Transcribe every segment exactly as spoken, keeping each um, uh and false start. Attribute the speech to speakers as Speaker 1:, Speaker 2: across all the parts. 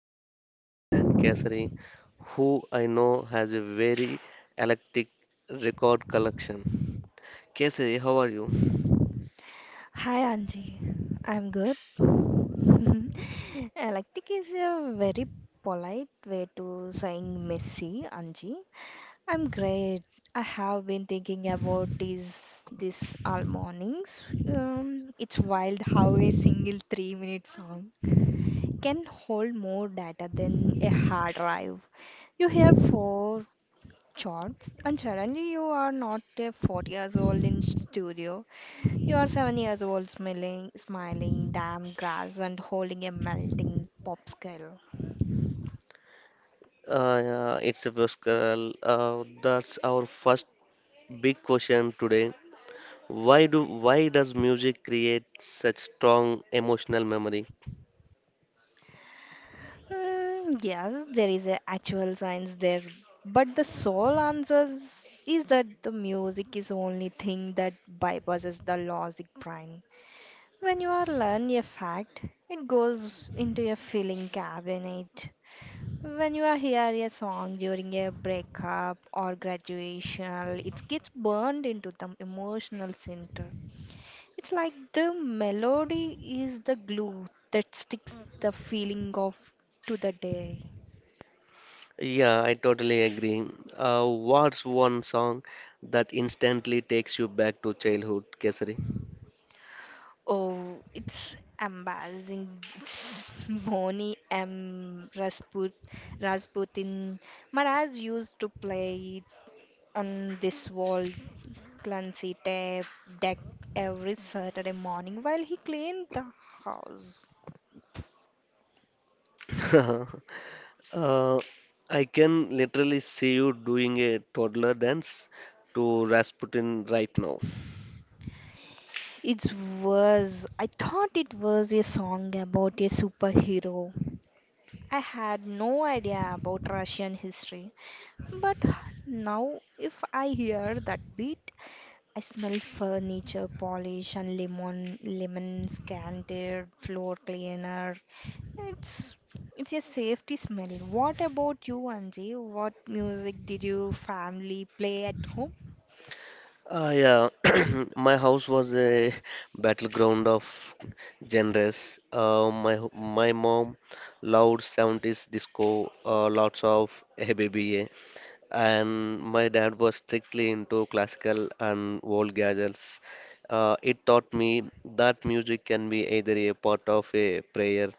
Speaker 1: joined by my friend Kesari, who I know has a very eclectic record collection. Kesari, how are you?
Speaker 2: Hi Anji, I'm good. Uh, like Eclectic is a very polite way to saying messy, Anji. I'm great. I have been thinking about this this all mornings. Um, it's wild how a single three-minute song can hold more data than a hard drive. You hear four chords, and suddenly you are not a four years old in studio. You are seven years old, smiling, smiling, damn grass, and holding a melting popsicle.
Speaker 1: Uh, yeah, it's a first girl. Uh, that's our first big question today. Why do why does music create such strong emotional memory?
Speaker 2: Mm, yes, there is a actual science there, but the sole answer is that the music is only thing that bypasses the logic brain. When you are learn a fact, it goes into a feeling cabinet. When you are hear a song during a breakup or graduation, it gets burned into the emotional center. It's like the melody is the glue that sticks the feeling of to the day.
Speaker 1: Yeah, I totally agree. Uh, what's one song that instantly takes you back to childhood, Kesari?
Speaker 2: Oh, it's embarrassing. It's Bonnie M. Rasput, Rasputin. My dad used to play it on this wall clancy tape deck every Saturday morning while he cleaned the house.
Speaker 1: Uh, I can literally see you doing a toddler dance to Rasputin right now.
Speaker 2: It was, I thought it was a song about a superhero. I had no idea about Russian history, but now if I hear that beat, I smell furniture polish and lemon lemon scented floor cleaner. It's it's a safety smell. What about you, Anji? What music did your family play at home?
Speaker 1: Ah, yeah, my house was a battleground of genres. Uh, my ho- my mom loved seventies disco, uh, lots of Hey Baby, Yeah, and my dad was strictly into classical and old gadgets. Uh, it taught me that music can be either a part of a prayer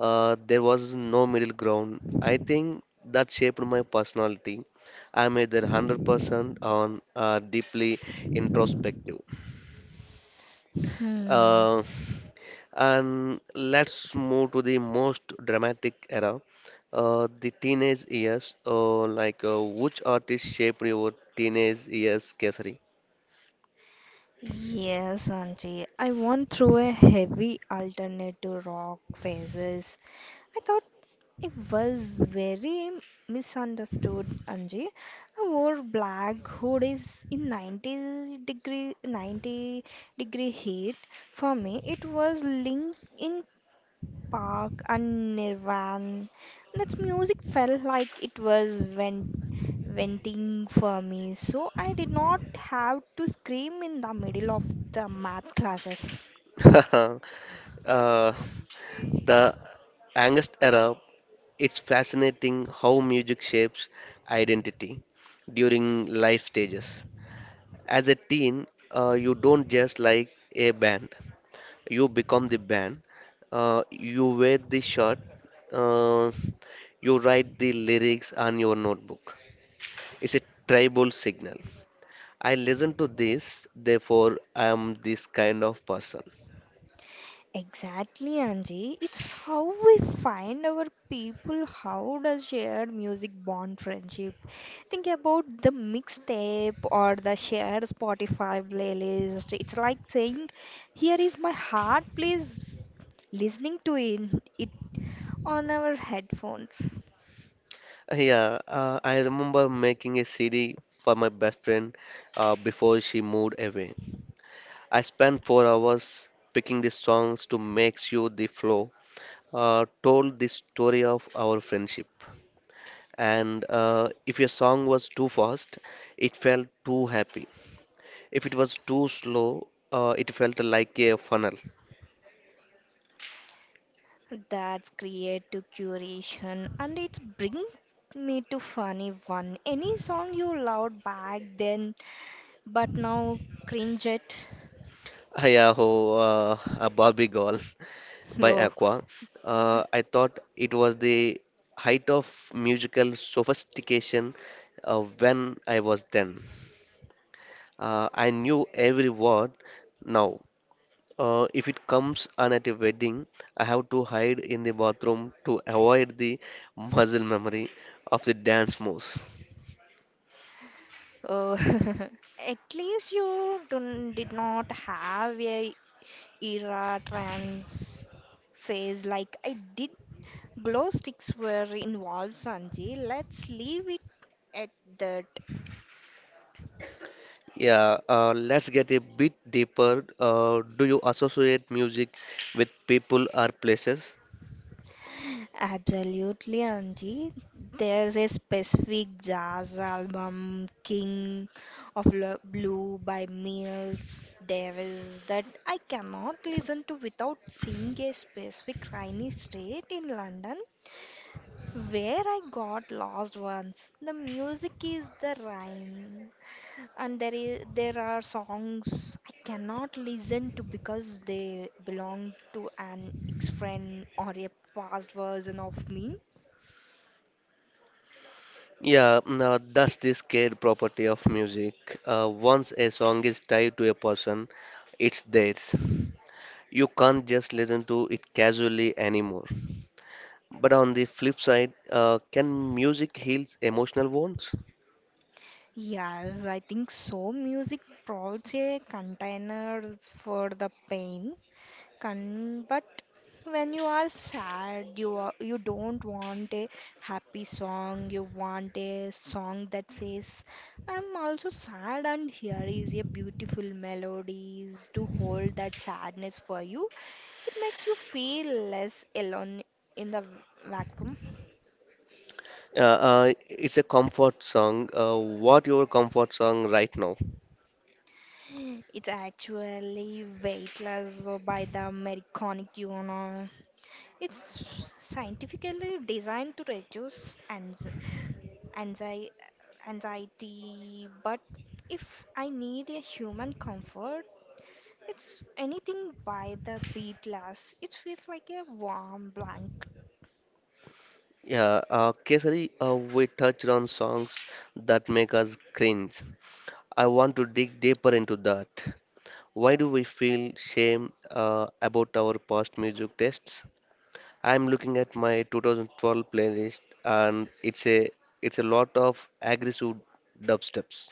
Speaker 1: uh, there was no middle ground. I think that shaped my personality. I'm either one hundred percent on uh, deeply introspective.
Speaker 2: Hmm.
Speaker 1: Uh, and let's move to the most dramatic era, uh, the teenage years. Uh, like, uh, which artist shaped your teenage years, Kesari?
Speaker 2: Yes, Anji. I went through a heavy alternative rock phases. I thought I was very misunderstood, Anji. I wore black hoodies in ninety degree ninety degree heat. For me, it was Linkin Park and Nirvana. That music felt like it was vent venting for me, so I did not have to scream in the middle of the math classes.
Speaker 1: uh, the angst era. It's fascinating how music shapes identity during life stages. As a teen, uh, you don't just like a band, you become the band. Uh, you wear the shirt, uh, you write the lyrics on your notebook. It's a tribal signal. I listen to this, therefore, I am this kind of person.
Speaker 2: Exactly, Anji. It's how we find our people. How does shared music bond friendship? Think about the mixtape or the shared Spotify playlist. It's like saying, "Here is my heart, please. Listening to it, it on our headphones."
Speaker 1: Uh, Yeah, uh, I remember making a C D for my best friend uh, before she moved away. I spent four hours picking the songs to make you the flow. Uh, told the story of our friendship, and uh, if your song was too fast, it felt too happy. If it was too slow, uh, it felt like a funnel.
Speaker 2: That's creative curation and it's bring me to funny one. Any song you loved back then but now cringe at?
Speaker 1: Ayaho, uh, a Barbie Girl by
Speaker 2: Oh.
Speaker 1: Aqua. Uh, I thought it was the height of musical sophistication uh, when I was then. Uh, I knew every word now. Uh, if it comes on at a wedding, I have to hide in the bathroom to avoid the muscle memory of the dance moves.
Speaker 2: Oh, at least you don't did not have a era trans phase like I did. Glow sticks were involved, Sanji. Let's leave it at that.
Speaker 1: Yeah, uh, let's get a bit deeper. Uh, do you associate music with people or places?
Speaker 2: Absolutely, Anji. There's a specific jazz album, King of Lo- Blue by Miles Davis, that I cannot listen to without seeing a specific rainy street in London where I got lost once. The music is the rhyme, and there is there are songs I cannot listen to because they belong to an ex-friend or a past version of me.
Speaker 1: Yeah, now that's the scared property of music. Uh, once a song is tied to a person, it's theirs. You can't just listen to it casually anymore. But on the flip side, uh, can music heals emotional wounds?
Speaker 2: Yes, I think so. Music provides a container for the pain. Kan, but when you are sad, you are, you don't want a happy song. You want a song that says, "I'm also sad, and here is a beautiful melodies to hold that sadness for you." It makes you feel less alone in the vacuum.
Speaker 1: Uh, uh, it's a comfort song. Uh, what your comfort song right now?
Speaker 2: It's actually weightless by the Americanic, you know. It's scientifically designed to reduce ans- anxi- anxiety, but if I need a human comfort, it's anything by the bee glass. It feels like a warm blanket.
Speaker 1: Yeah, uh, Kesari, uh, we touched on songs that make us cringe. I want to dig deeper into that. Why do we feel shame uh, about our past music tastes? I'm looking at my two thousand twelve playlist, and it's a it's a lot of aggressive dubsteps.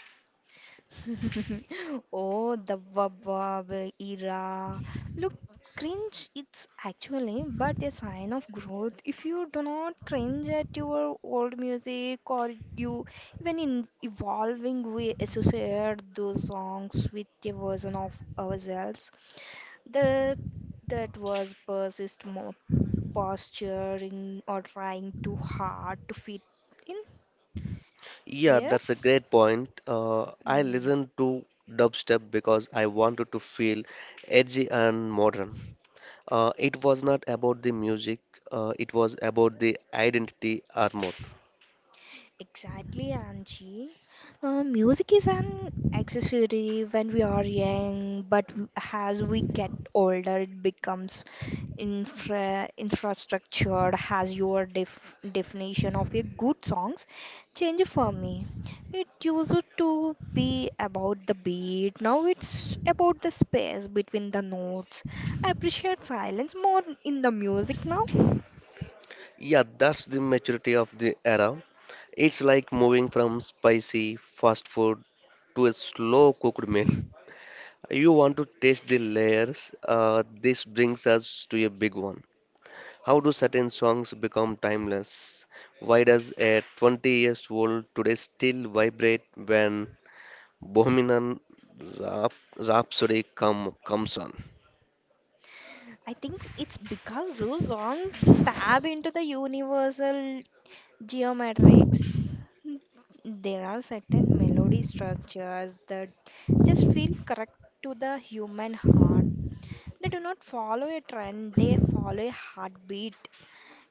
Speaker 2: Oh, the wab era. Look, cringe it's actually but a sign of growth. If you do not cringe at your old music or you even in evolving, we associate those songs with a version of ourselves that that was persist more posturing or trying too hard to fit in.
Speaker 1: Yeah, that's a
Speaker 2: Yes.
Speaker 1: great point. Uh, I
Speaker 2: Hmm.
Speaker 1: listened to dubstep because I wanted to feel edgy and modern. Uh, it was not about the music, uh, it was about the identity armor.
Speaker 2: Exactly, Angie. Uh, music is an accessory when we are young, but w- as we get older, it becomes infra infrastructure. Has your def definition of a good songs changed for me? It used to be about the beat. Now it's about the space between the notes. I appreciate silence more in the music now.
Speaker 1: Yeah, that's the maturity of the era. It's like moving from spicy fast food to a slow cooked meal. You want to taste the layers. Uh, this brings us to a big one. How do certain songs become timeless? Why does a twenty years old today still vibrate when Bohemian Rhap- Rhapsody come, comes on?
Speaker 2: I think it's because those songs stab into the universal geometrics. There are certain melody structures that just feel correct to the human heart. They do not follow a trend, they follow a heartbeat.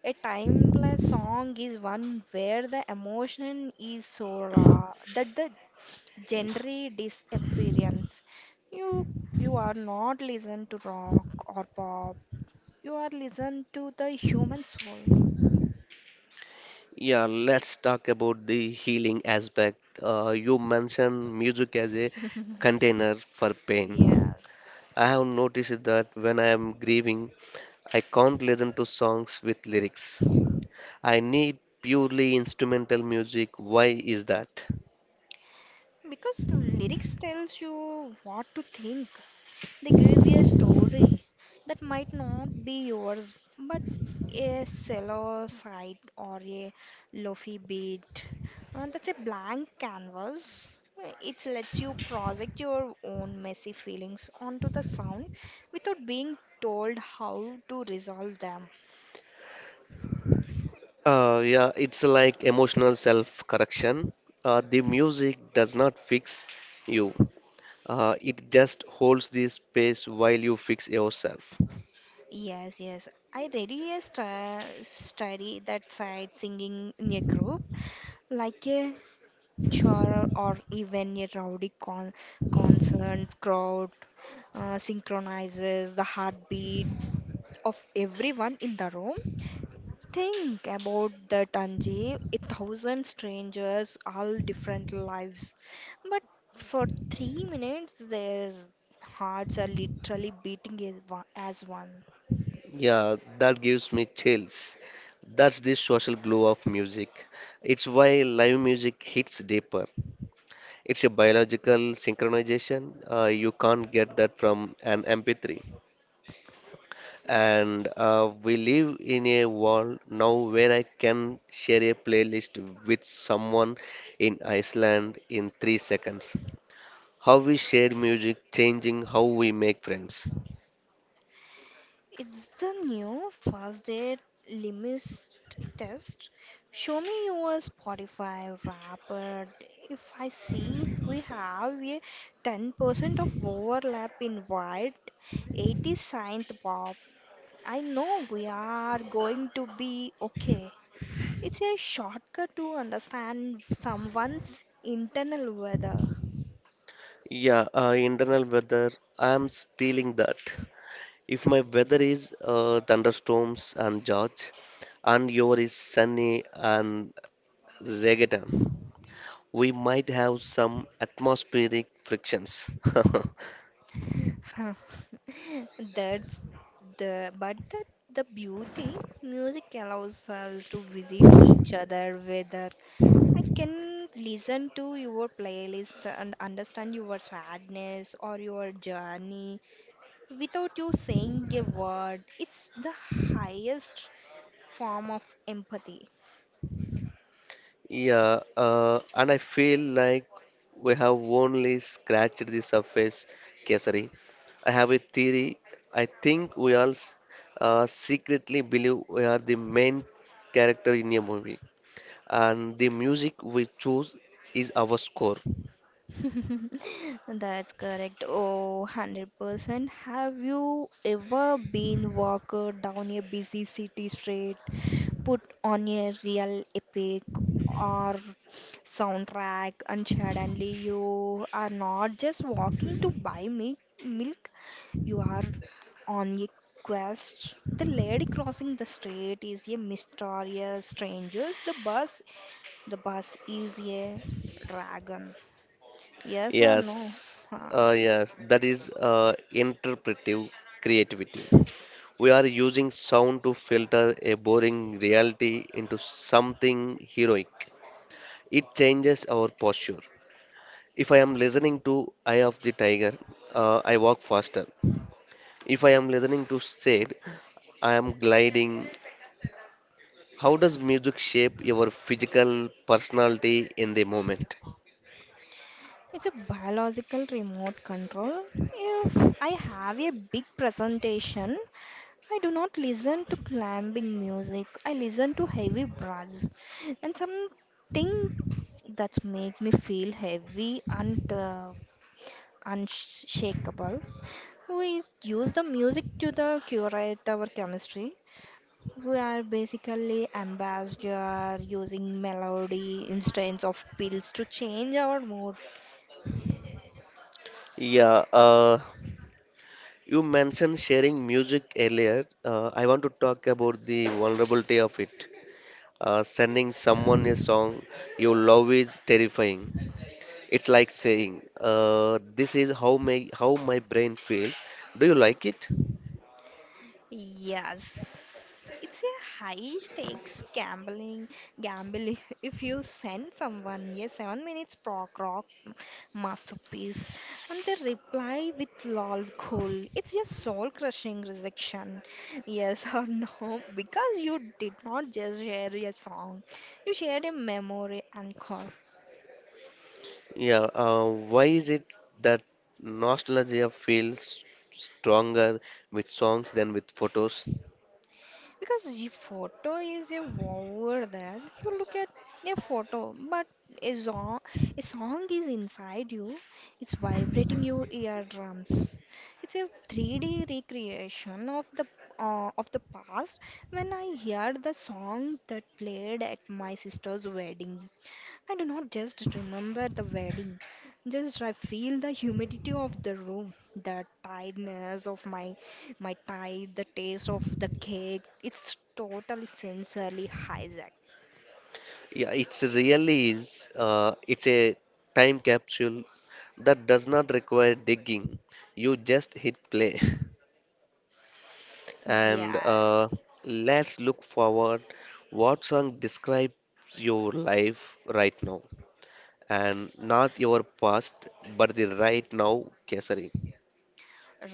Speaker 2: A timeless song is one where the emotion is so raw that the genre disappears. You you are not listening to rock or pop, you are listened to the human soul.
Speaker 1: Yeah, let's talk about the healing aspect. Uh, you mentioned music as a container for pain.
Speaker 2: Yes.
Speaker 1: I have noticed that when I am grieving, I can't listen to songs with lyrics. I need purely instrumental music. Why is that?
Speaker 2: Because lyrics tells you what to think. They give you a story that might not be yours, but a shallow side or a lofi beat. Uh, that's a blank canvas. Uh, It lets you project your own messy feelings onto the sound without being told how to resolve them.
Speaker 1: Uh, yeah, it's like emotional self-correction. Uh, the music does not fix you. Uh, it just holds the space while you fix yourself.
Speaker 2: Yes, yes. I really a stu- study that side singing in a group, like a choir or even a rowdy con concert crowd uh, synchronizes the heartbeats of everyone in the room. Think about the Tanji, a thousand strangers, all different lives, but for three minutes their hearts are literally beating as one. as one.
Speaker 1: Yeah, that gives me chills. That's the social glue of music. It's why live music hits deeper. It's a biological synchronization. Uh, you can't get that from an M P three. And uh, we live in a world now where I can share a playlist with someone in Iceland in three seconds. How we share music changing how we make friends.
Speaker 2: It's the new first Fastest Limit test. Show me your Spotify wrapped. If I see we have a ten percent of overlap in white, eighty synth pop, I know we are going to be okay. It's a shortcut to understand someone's internal weather.
Speaker 1: Yeah, uh, Internal weather, I'm stealing that. If my weather is uh, thunderstorms and George, and your is sunny and reggaeton, we might have some atmospheric frictions.
Speaker 2: That's the but that the beauty. Music allows us to visit each other, whether I can listen to your playlist and understand your sadness or your journey without you saying a word. It's the highest form of empathy.
Speaker 1: Yeah, uh, and I feel like we have only scratched the surface, Kesari. I have a theory. I think we all s- uh, secretly believe we are the main character in a movie, and the music we choose is our score.
Speaker 2: That's correct. Oh, one hundred percent. Have you ever been walked down a busy city street, put on a real epic or soundtrack, and suddenly you are not just walking to buy mi- milk? You are on a quest. The lady crossing the street is a mysterious stranger. The bus the bus is a dragon, yes or no?
Speaker 1: Yes,
Speaker 2: Ah,
Speaker 1: uh,
Speaker 2: yes.
Speaker 1: yes, that is uh, interpretive creativity. We are using sound to filter a boring reality into something heroic. It changes our posture. If I am listening to Eye of the Tiger, uh, I walk faster. If I am listening to Said, I am gliding. How does music shape your physical personality in the moment?
Speaker 2: It's a biological remote control. If I have a big presentation, I do not listen to climbing music. I listen to heavy brass and something that make me feel heavy and uh, unshakable. We use the music to the curate our chemistry. We are basically ambassador using melody instead of pills to change our mood.
Speaker 1: Yeah, uh, you mentioned sharing music earlier. Uh, I want to talk about the vulnerability of it. Uh, sending someone a song you love is terrifying. It's like saying, uh, this is how my how my brain feels. Do you like it?
Speaker 2: Yes, it's a high stakes gambling gambling. If you send someone a seven minutes prog rock masterpiece and they reply with lol cool, it's a soul crushing rejection. Yes or no? Because you did not just share a song, you shared a memory anchor.
Speaker 1: Yeah, uh, why is it that nostalgia feels stronger with songs than with photos?
Speaker 2: Because a photo is a over there, you look at a photo, but a song a song is inside you. It's vibrating your eardrums. It's a three D recreation of the uh, of the past. When I heard the song that played at my sister's wedding, I do not just remember the wedding, just I feel the humidity of the room, the tiredness of my my tie, the taste of the cake. It's totally sensory hijack.
Speaker 1: Yeah, it's really is. Uh, it's a time capsule that does not require digging. You just hit play. And uh,
Speaker 2: Yes.
Speaker 1: let's look forward. What song describes your life right now? And not your past, but the right now, Kesari.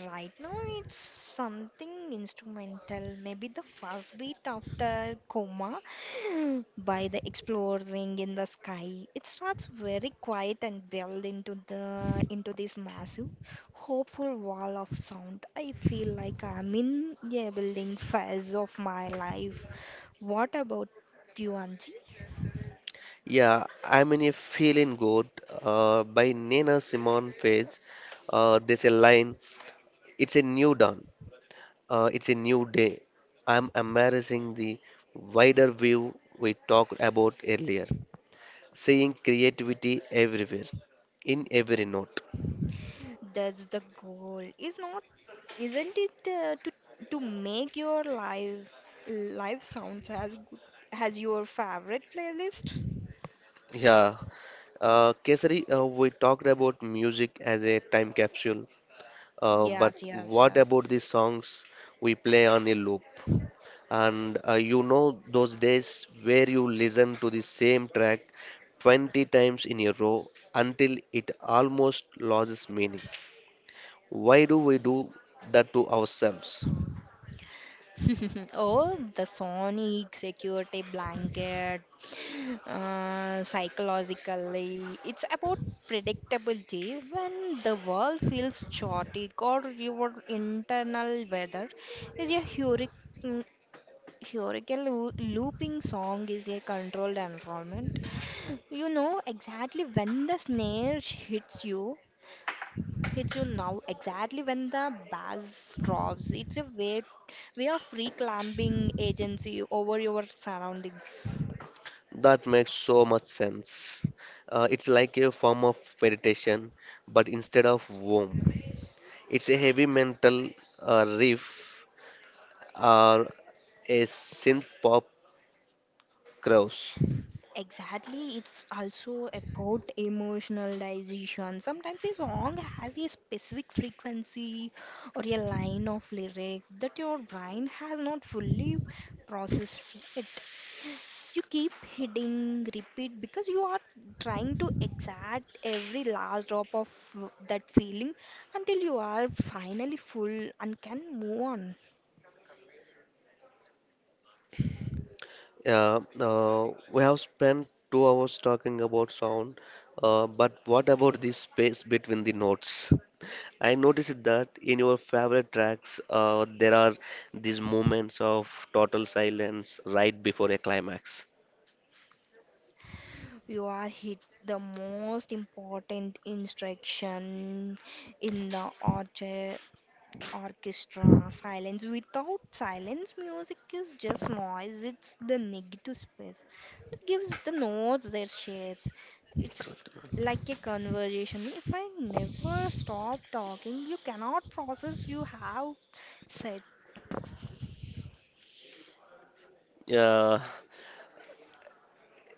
Speaker 2: Right now, it's something instrumental, maybe the first beat after Coma by the Exploring in the Sky. It starts very quiet and build into the into this massive, hopeful wall of sound. I feel like I'm in a building phase of my life. What about you, Anji?
Speaker 1: Yeah, I'm in a feeling good uh, by Nina Simone Page. Uh, there's a line, it's a new dawn, uh, it's a new day. I'm embracing the wider view we talked about earlier, seeing creativity everywhere, in every note.
Speaker 2: That's the goal. Is not isn't it uh, to to make your life life sounds as good as your favorite playlist?
Speaker 1: Yeah, uh, Kesari, uh, we talked about music as a time capsule, Uh, but
Speaker 2: Yes, yes,
Speaker 1: what
Speaker 2: yes.
Speaker 1: about the songs we play on a loop? And uh, You know those days where you listen to the same track twenty times in a row until it almost loses meaning. Why do we do that to ourselves?
Speaker 2: Oh, the sonic security blanket. Uh, psychologically, it's about predictability. When the world feels chaotic or your internal weather is a hurricane, historical loo- looping song is a controlled environment. You know exactly when the snare sh- hits you, hits you now, exactly when the bass drops. It's a way, way of reclaiming agency over your surroundings.
Speaker 1: That makes so much sense. Uh, it's like a form of meditation, but instead of womb, it's a heavy mental uh, riff or a synth pop chorus.
Speaker 2: Exactly, it's also about emotionalization. Sometimes a song has a specific frequency or a line of lyric that your brain has not fully processed it. You keep hitting repeat because you are trying to exact every last drop of that feeling until you are finally full and can move on.
Speaker 1: Yeah, uh, we have spent two hours talking about sound, uh, but what about the space between the notes? I noticed that in your favorite tracks, uh, there are these moments of total silence right before a climax.
Speaker 2: You are hit the most important instruction in the orchard orchestra silence. Without silence, music is just noise. It's the negative space. It gives the notes their shapes. It's like a conversation. If I never stop talking, you cannot process you have said.
Speaker 1: Yeah,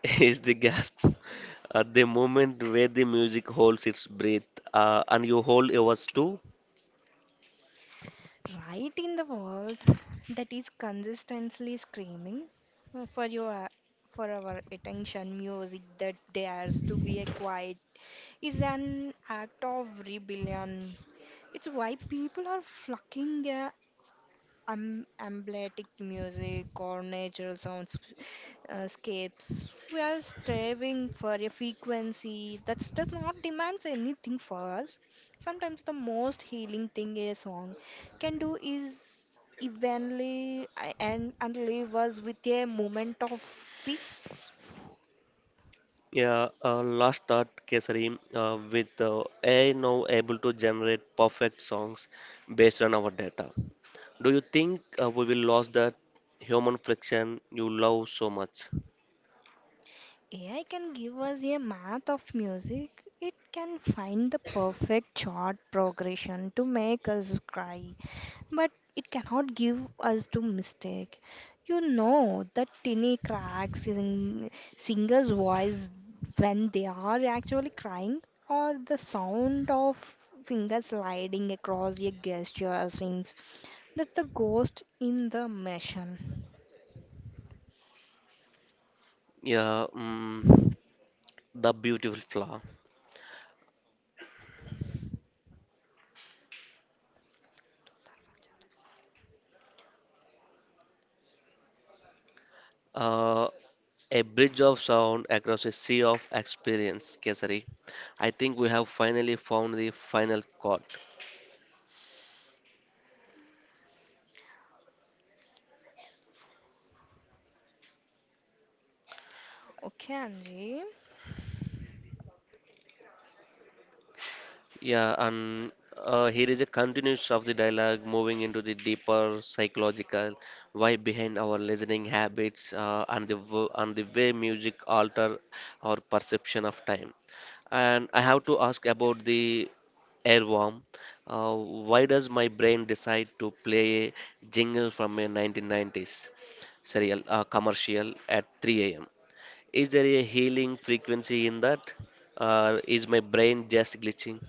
Speaker 1: is the gasp at the moment where the music holds its breath, uh, and you hold yours too.
Speaker 2: Right in the world that is consistently screaming for your for our attention, music that dares to be a quiet is an act of rebellion. It's why people are flocking uh, um, amblytic music or natural sounds, uh, scapes. We are striving for a frequency that does not demand anything for us. Sometimes the most healing thing a song can do is evenly a- and, and leave us with a moment of peace.
Speaker 1: Yeah, uh, Last thought, Kesari. uh, with uh, A I now able to generate perfect songs based on our data. Do you think uh, we will lose that human friction you love so much?
Speaker 2: A I can give us a math of music. It can find the perfect chord progression to make us cry, but it cannot give us to mistake. You know the tiny cracks in singer's voice when they are actually crying, or the sound of fingers sliding across a gesture strings. That's the ghost in the machine.
Speaker 1: Yeah, mm, the beautiful flaw. Uh, a bridge of sound across a sea of experience, Kesari. I think we have finally found the final chord.
Speaker 2: Okay, Anji.
Speaker 1: Yeah, and uh, Here is a continuation of the dialogue, moving into the deeper psychological why behind our listening habits uh, and the w- and the way music alter our perception of time. And I have to ask about the airworm. Uh, why does my brain decide to play a jingle from a nineteen nineties serial uh, commercial at three a m? Is there a healing frequency in that, or is my brain just glitching?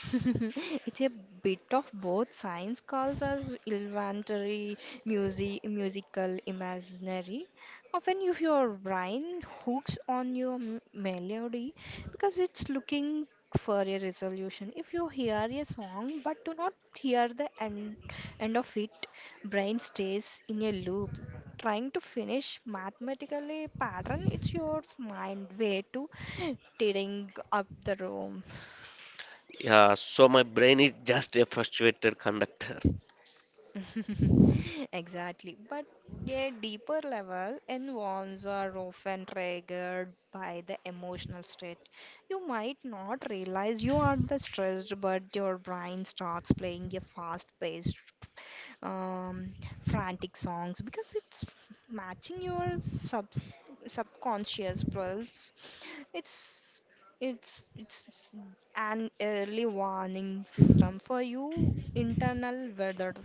Speaker 2: It's a bit of both. Science calls us inventory, music, musical, imaginary. Often, if your brain hooks on your m- melody because it's looking for a resolution. If you hear a song but do not hear the end, end of it, brain stays in a loop. Trying to finish mathematically pattern, it's your mind way to tearing up the room.
Speaker 1: Yeah, so my brain is just a frustrated conductor.
Speaker 2: Exactly. But a deeper level, involves are often triggered by the emotional state. You might not realize you are the stressed, but your brain starts playing a fast-paced, um, frantic songs because it's matching your sub subconscious pulse. It's it's it's it's an early warning system for you internal weather.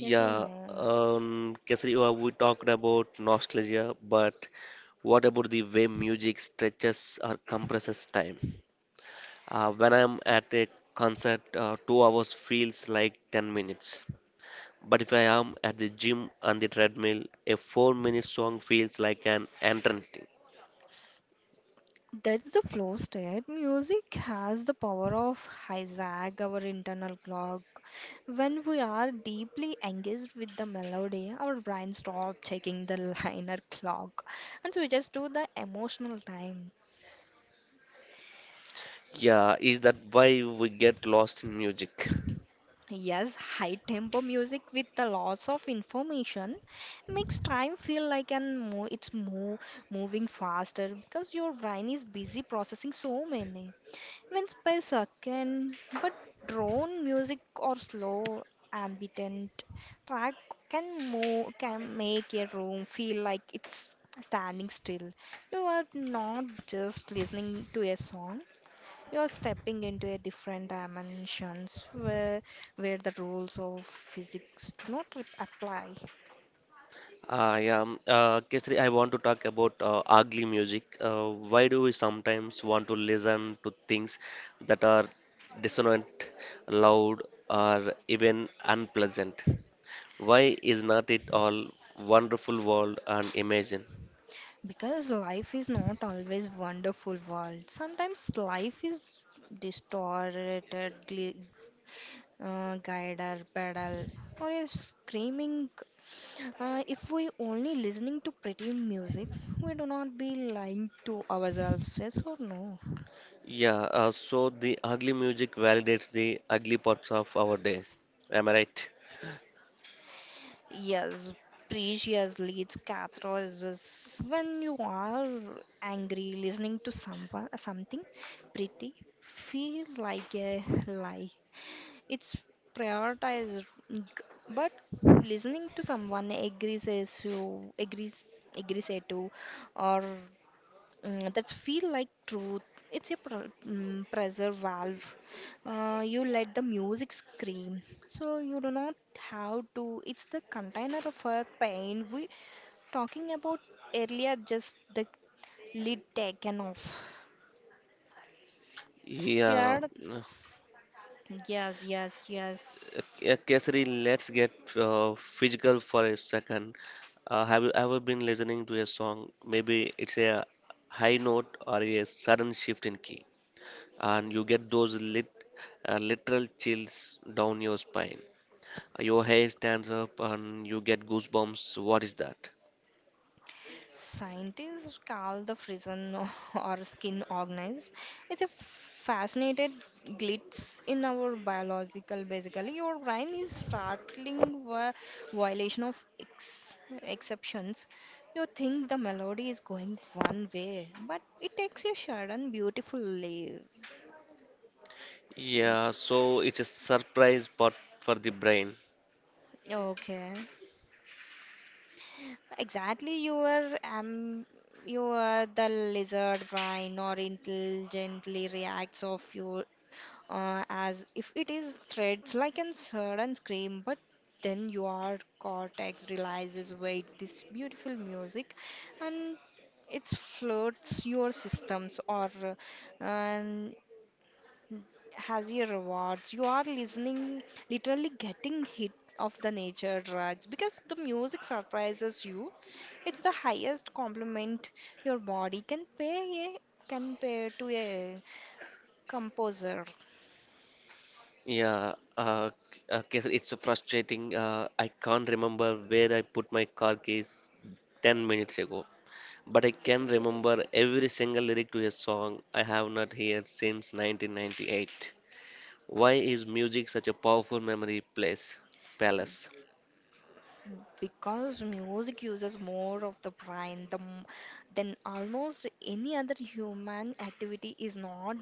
Speaker 2: Yes or no?
Speaker 1: um, Kesari, uh, we talked about nostalgia, but what about the way music stretches or compresses time? Uh, when I'm at a concert, uh, two hours feels like ten minutes. But if I am at the gym on the treadmill, a four-minute song feels like an eternity.
Speaker 2: That's the flow state. Music has the power of hijack our internal clock. When we are deeply engaged with the melody, our brain stops checking the liner clock. And so we just do the emotional time.
Speaker 1: Yeah, is that why we get lost in music?
Speaker 2: Yes, high tempo music with the loss of information makes time feel like an mo- it's mo- moving faster because your brain is busy processing so many. Wins by second, but drone music or slow ambient track can move, can make a room feel like it's standing still. You are not just listening to a song. You are stepping into a different dimensions where where the rules of physics do not re- apply.
Speaker 1: Uh, yeah, um, uh, Kesari, I want to talk about uh, ugly music. Uh, why do we sometimes want to listen to things that are dissonant, loud, or even unpleasant? Why is not it all wonderful world and imagine?
Speaker 2: Because life is not always wonderful world. Sometimes life is distorted, uh, guide our pedal, or a screaming. Uh, if we only listening to pretty music, we do not be lying to ourselves, yes or no?
Speaker 1: Yeah, uh, so the ugly music validates the ugly parts of our day. Am I right?
Speaker 2: Yes, preciously, it's catharsis. When you are angry, listening to someone, something pretty, feel like a lie. It's prioritized, mm, g- but listening to someone agrees as you agrees agrees to, or mm, that's feel like truth. It's a pr- mm, pressure valve. Uh, you let the music scream, so you do not have to. It's the container of our pain we talking about earlier. Just the lid taken off.
Speaker 1: Yeah,
Speaker 2: Here, yes, yes, yes.
Speaker 1: Yeah, Kesari, let's get uh, physical for a second. Uh, have you ever been listening to a song? Maybe it's a high note or a sudden shift in key, and you get those lit, uh, literal chills down your spine. Uh, Your hair stands up, and you get goosebumps. What is that?
Speaker 2: Scientists call the frisson or skin organize. It's a fascinated glitch in our biological. Basically, your brain is startling vi- violation of ex- exceptions. You think the melody is going one way, but it takes a sudden beautiful leap. leap.
Speaker 1: Yeah, so it's a surprise spot for the brain.
Speaker 2: Okay. Exactly, you are um, you are the lizard brain or intelligently reacts of your uh, as if it is threads, like a sudden scream, but then your cortex realizes wait, this beautiful music and it floods your systems or uh, and has your rewards. You are listening, literally getting hit of the nature drugs because the music surprises you. It's the highest compliment your body can pay a, can pay to a composer.
Speaker 1: Yeah, uh, k- uh, Kesar, it's so frustrating. Uh, I can't remember where I put my car keys ten minutes ago, but I can remember every single lyric to a song I have not heard since nineteen ninety-eight. Why is music such a powerful memory place, palace?
Speaker 2: Because music uses more of the brain the, m- than almost any other human activity is not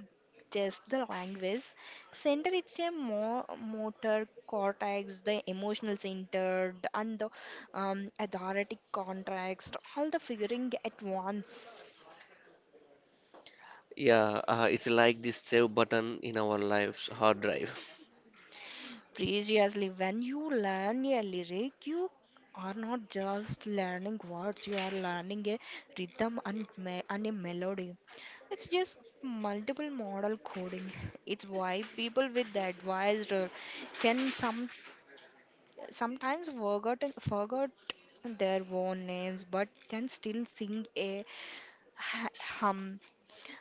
Speaker 2: just the language center, it's a more motor cortex the emotional center the- and the um, athletic context all the figuring at once.
Speaker 1: Yeah, uh, it's like this save button in our lives, hard drive.
Speaker 2: Previously, when you learn a lyric, you are not just learning words, you are learning a rhythm and, me- and a melody. It's just multiple model coding. It's why people with the advised role can some sometimes forgotten forgot their own names but can still sing a ha- hum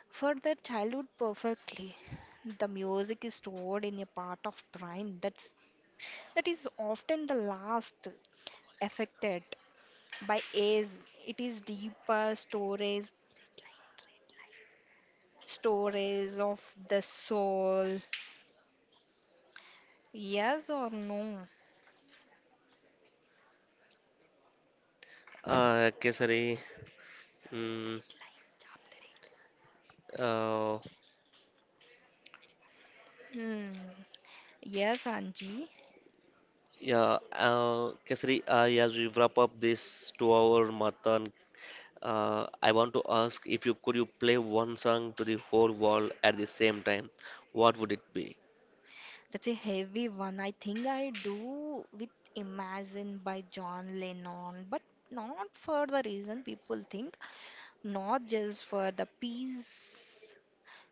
Speaker 2: for their childhood perfectly. The music is stored in a part of brain that's that is often the last affected by age. It is deeper storage, storage of the soul. Yes or no?
Speaker 1: Uh, Kesari, mm, uh,
Speaker 2: Hmm. Yes, Anji.
Speaker 1: yeah, uh, Kesari, uh, as we wrap up this two-hour marathon, Uh, I want to ask if you could you play one song to the whole world at the same time, what would it be?
Speaker 2: That's a heavy one. I think I do with Imagine by John Lennon, but not for the reason people think, not just for the peace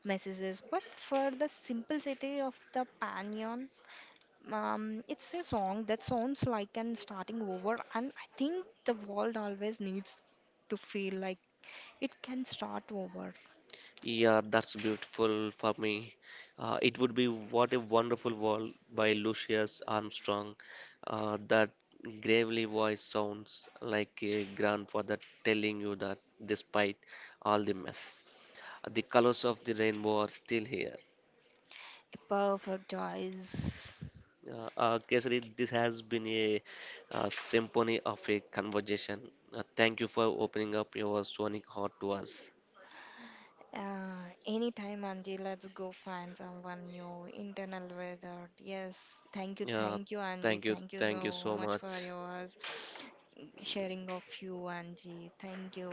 Speaker 2: messages, but for the simplicity of the pannier. Um, it's a song that sounds like an starting over, and I think the world always needs to feel like it can start over.
Speaker 1: Yeah, that's beautiful for me. Uh, it would be What a Wonderful World by Lucius Armstrong. Uh, that gravely voice sounds like a grandfather telling you that despite all the mess, the colors of the rainbow are still here.
Speaker 2: A perfect choice.
Speaker 1: Uh, uh, Kesari, this has been a uh, symphony of a conversation. Uh, thank you for opening up your sonic heart to us.
Speaker 2: Uh, anytime, Angie, let's go find someone new. Internal weather. Yes, thank you,
Speaker 1: Yeah,
Speaker 2: thank you, Angie.
Speaker 1: thank you,
Speaker 2: Thank you
Speaker 1: thank you
Speaker 2: so
Speaker 1: so
Speaker 2: much for
Speaker 1: much.
Speaker 2: yours sharing of you, Angie. Thank you.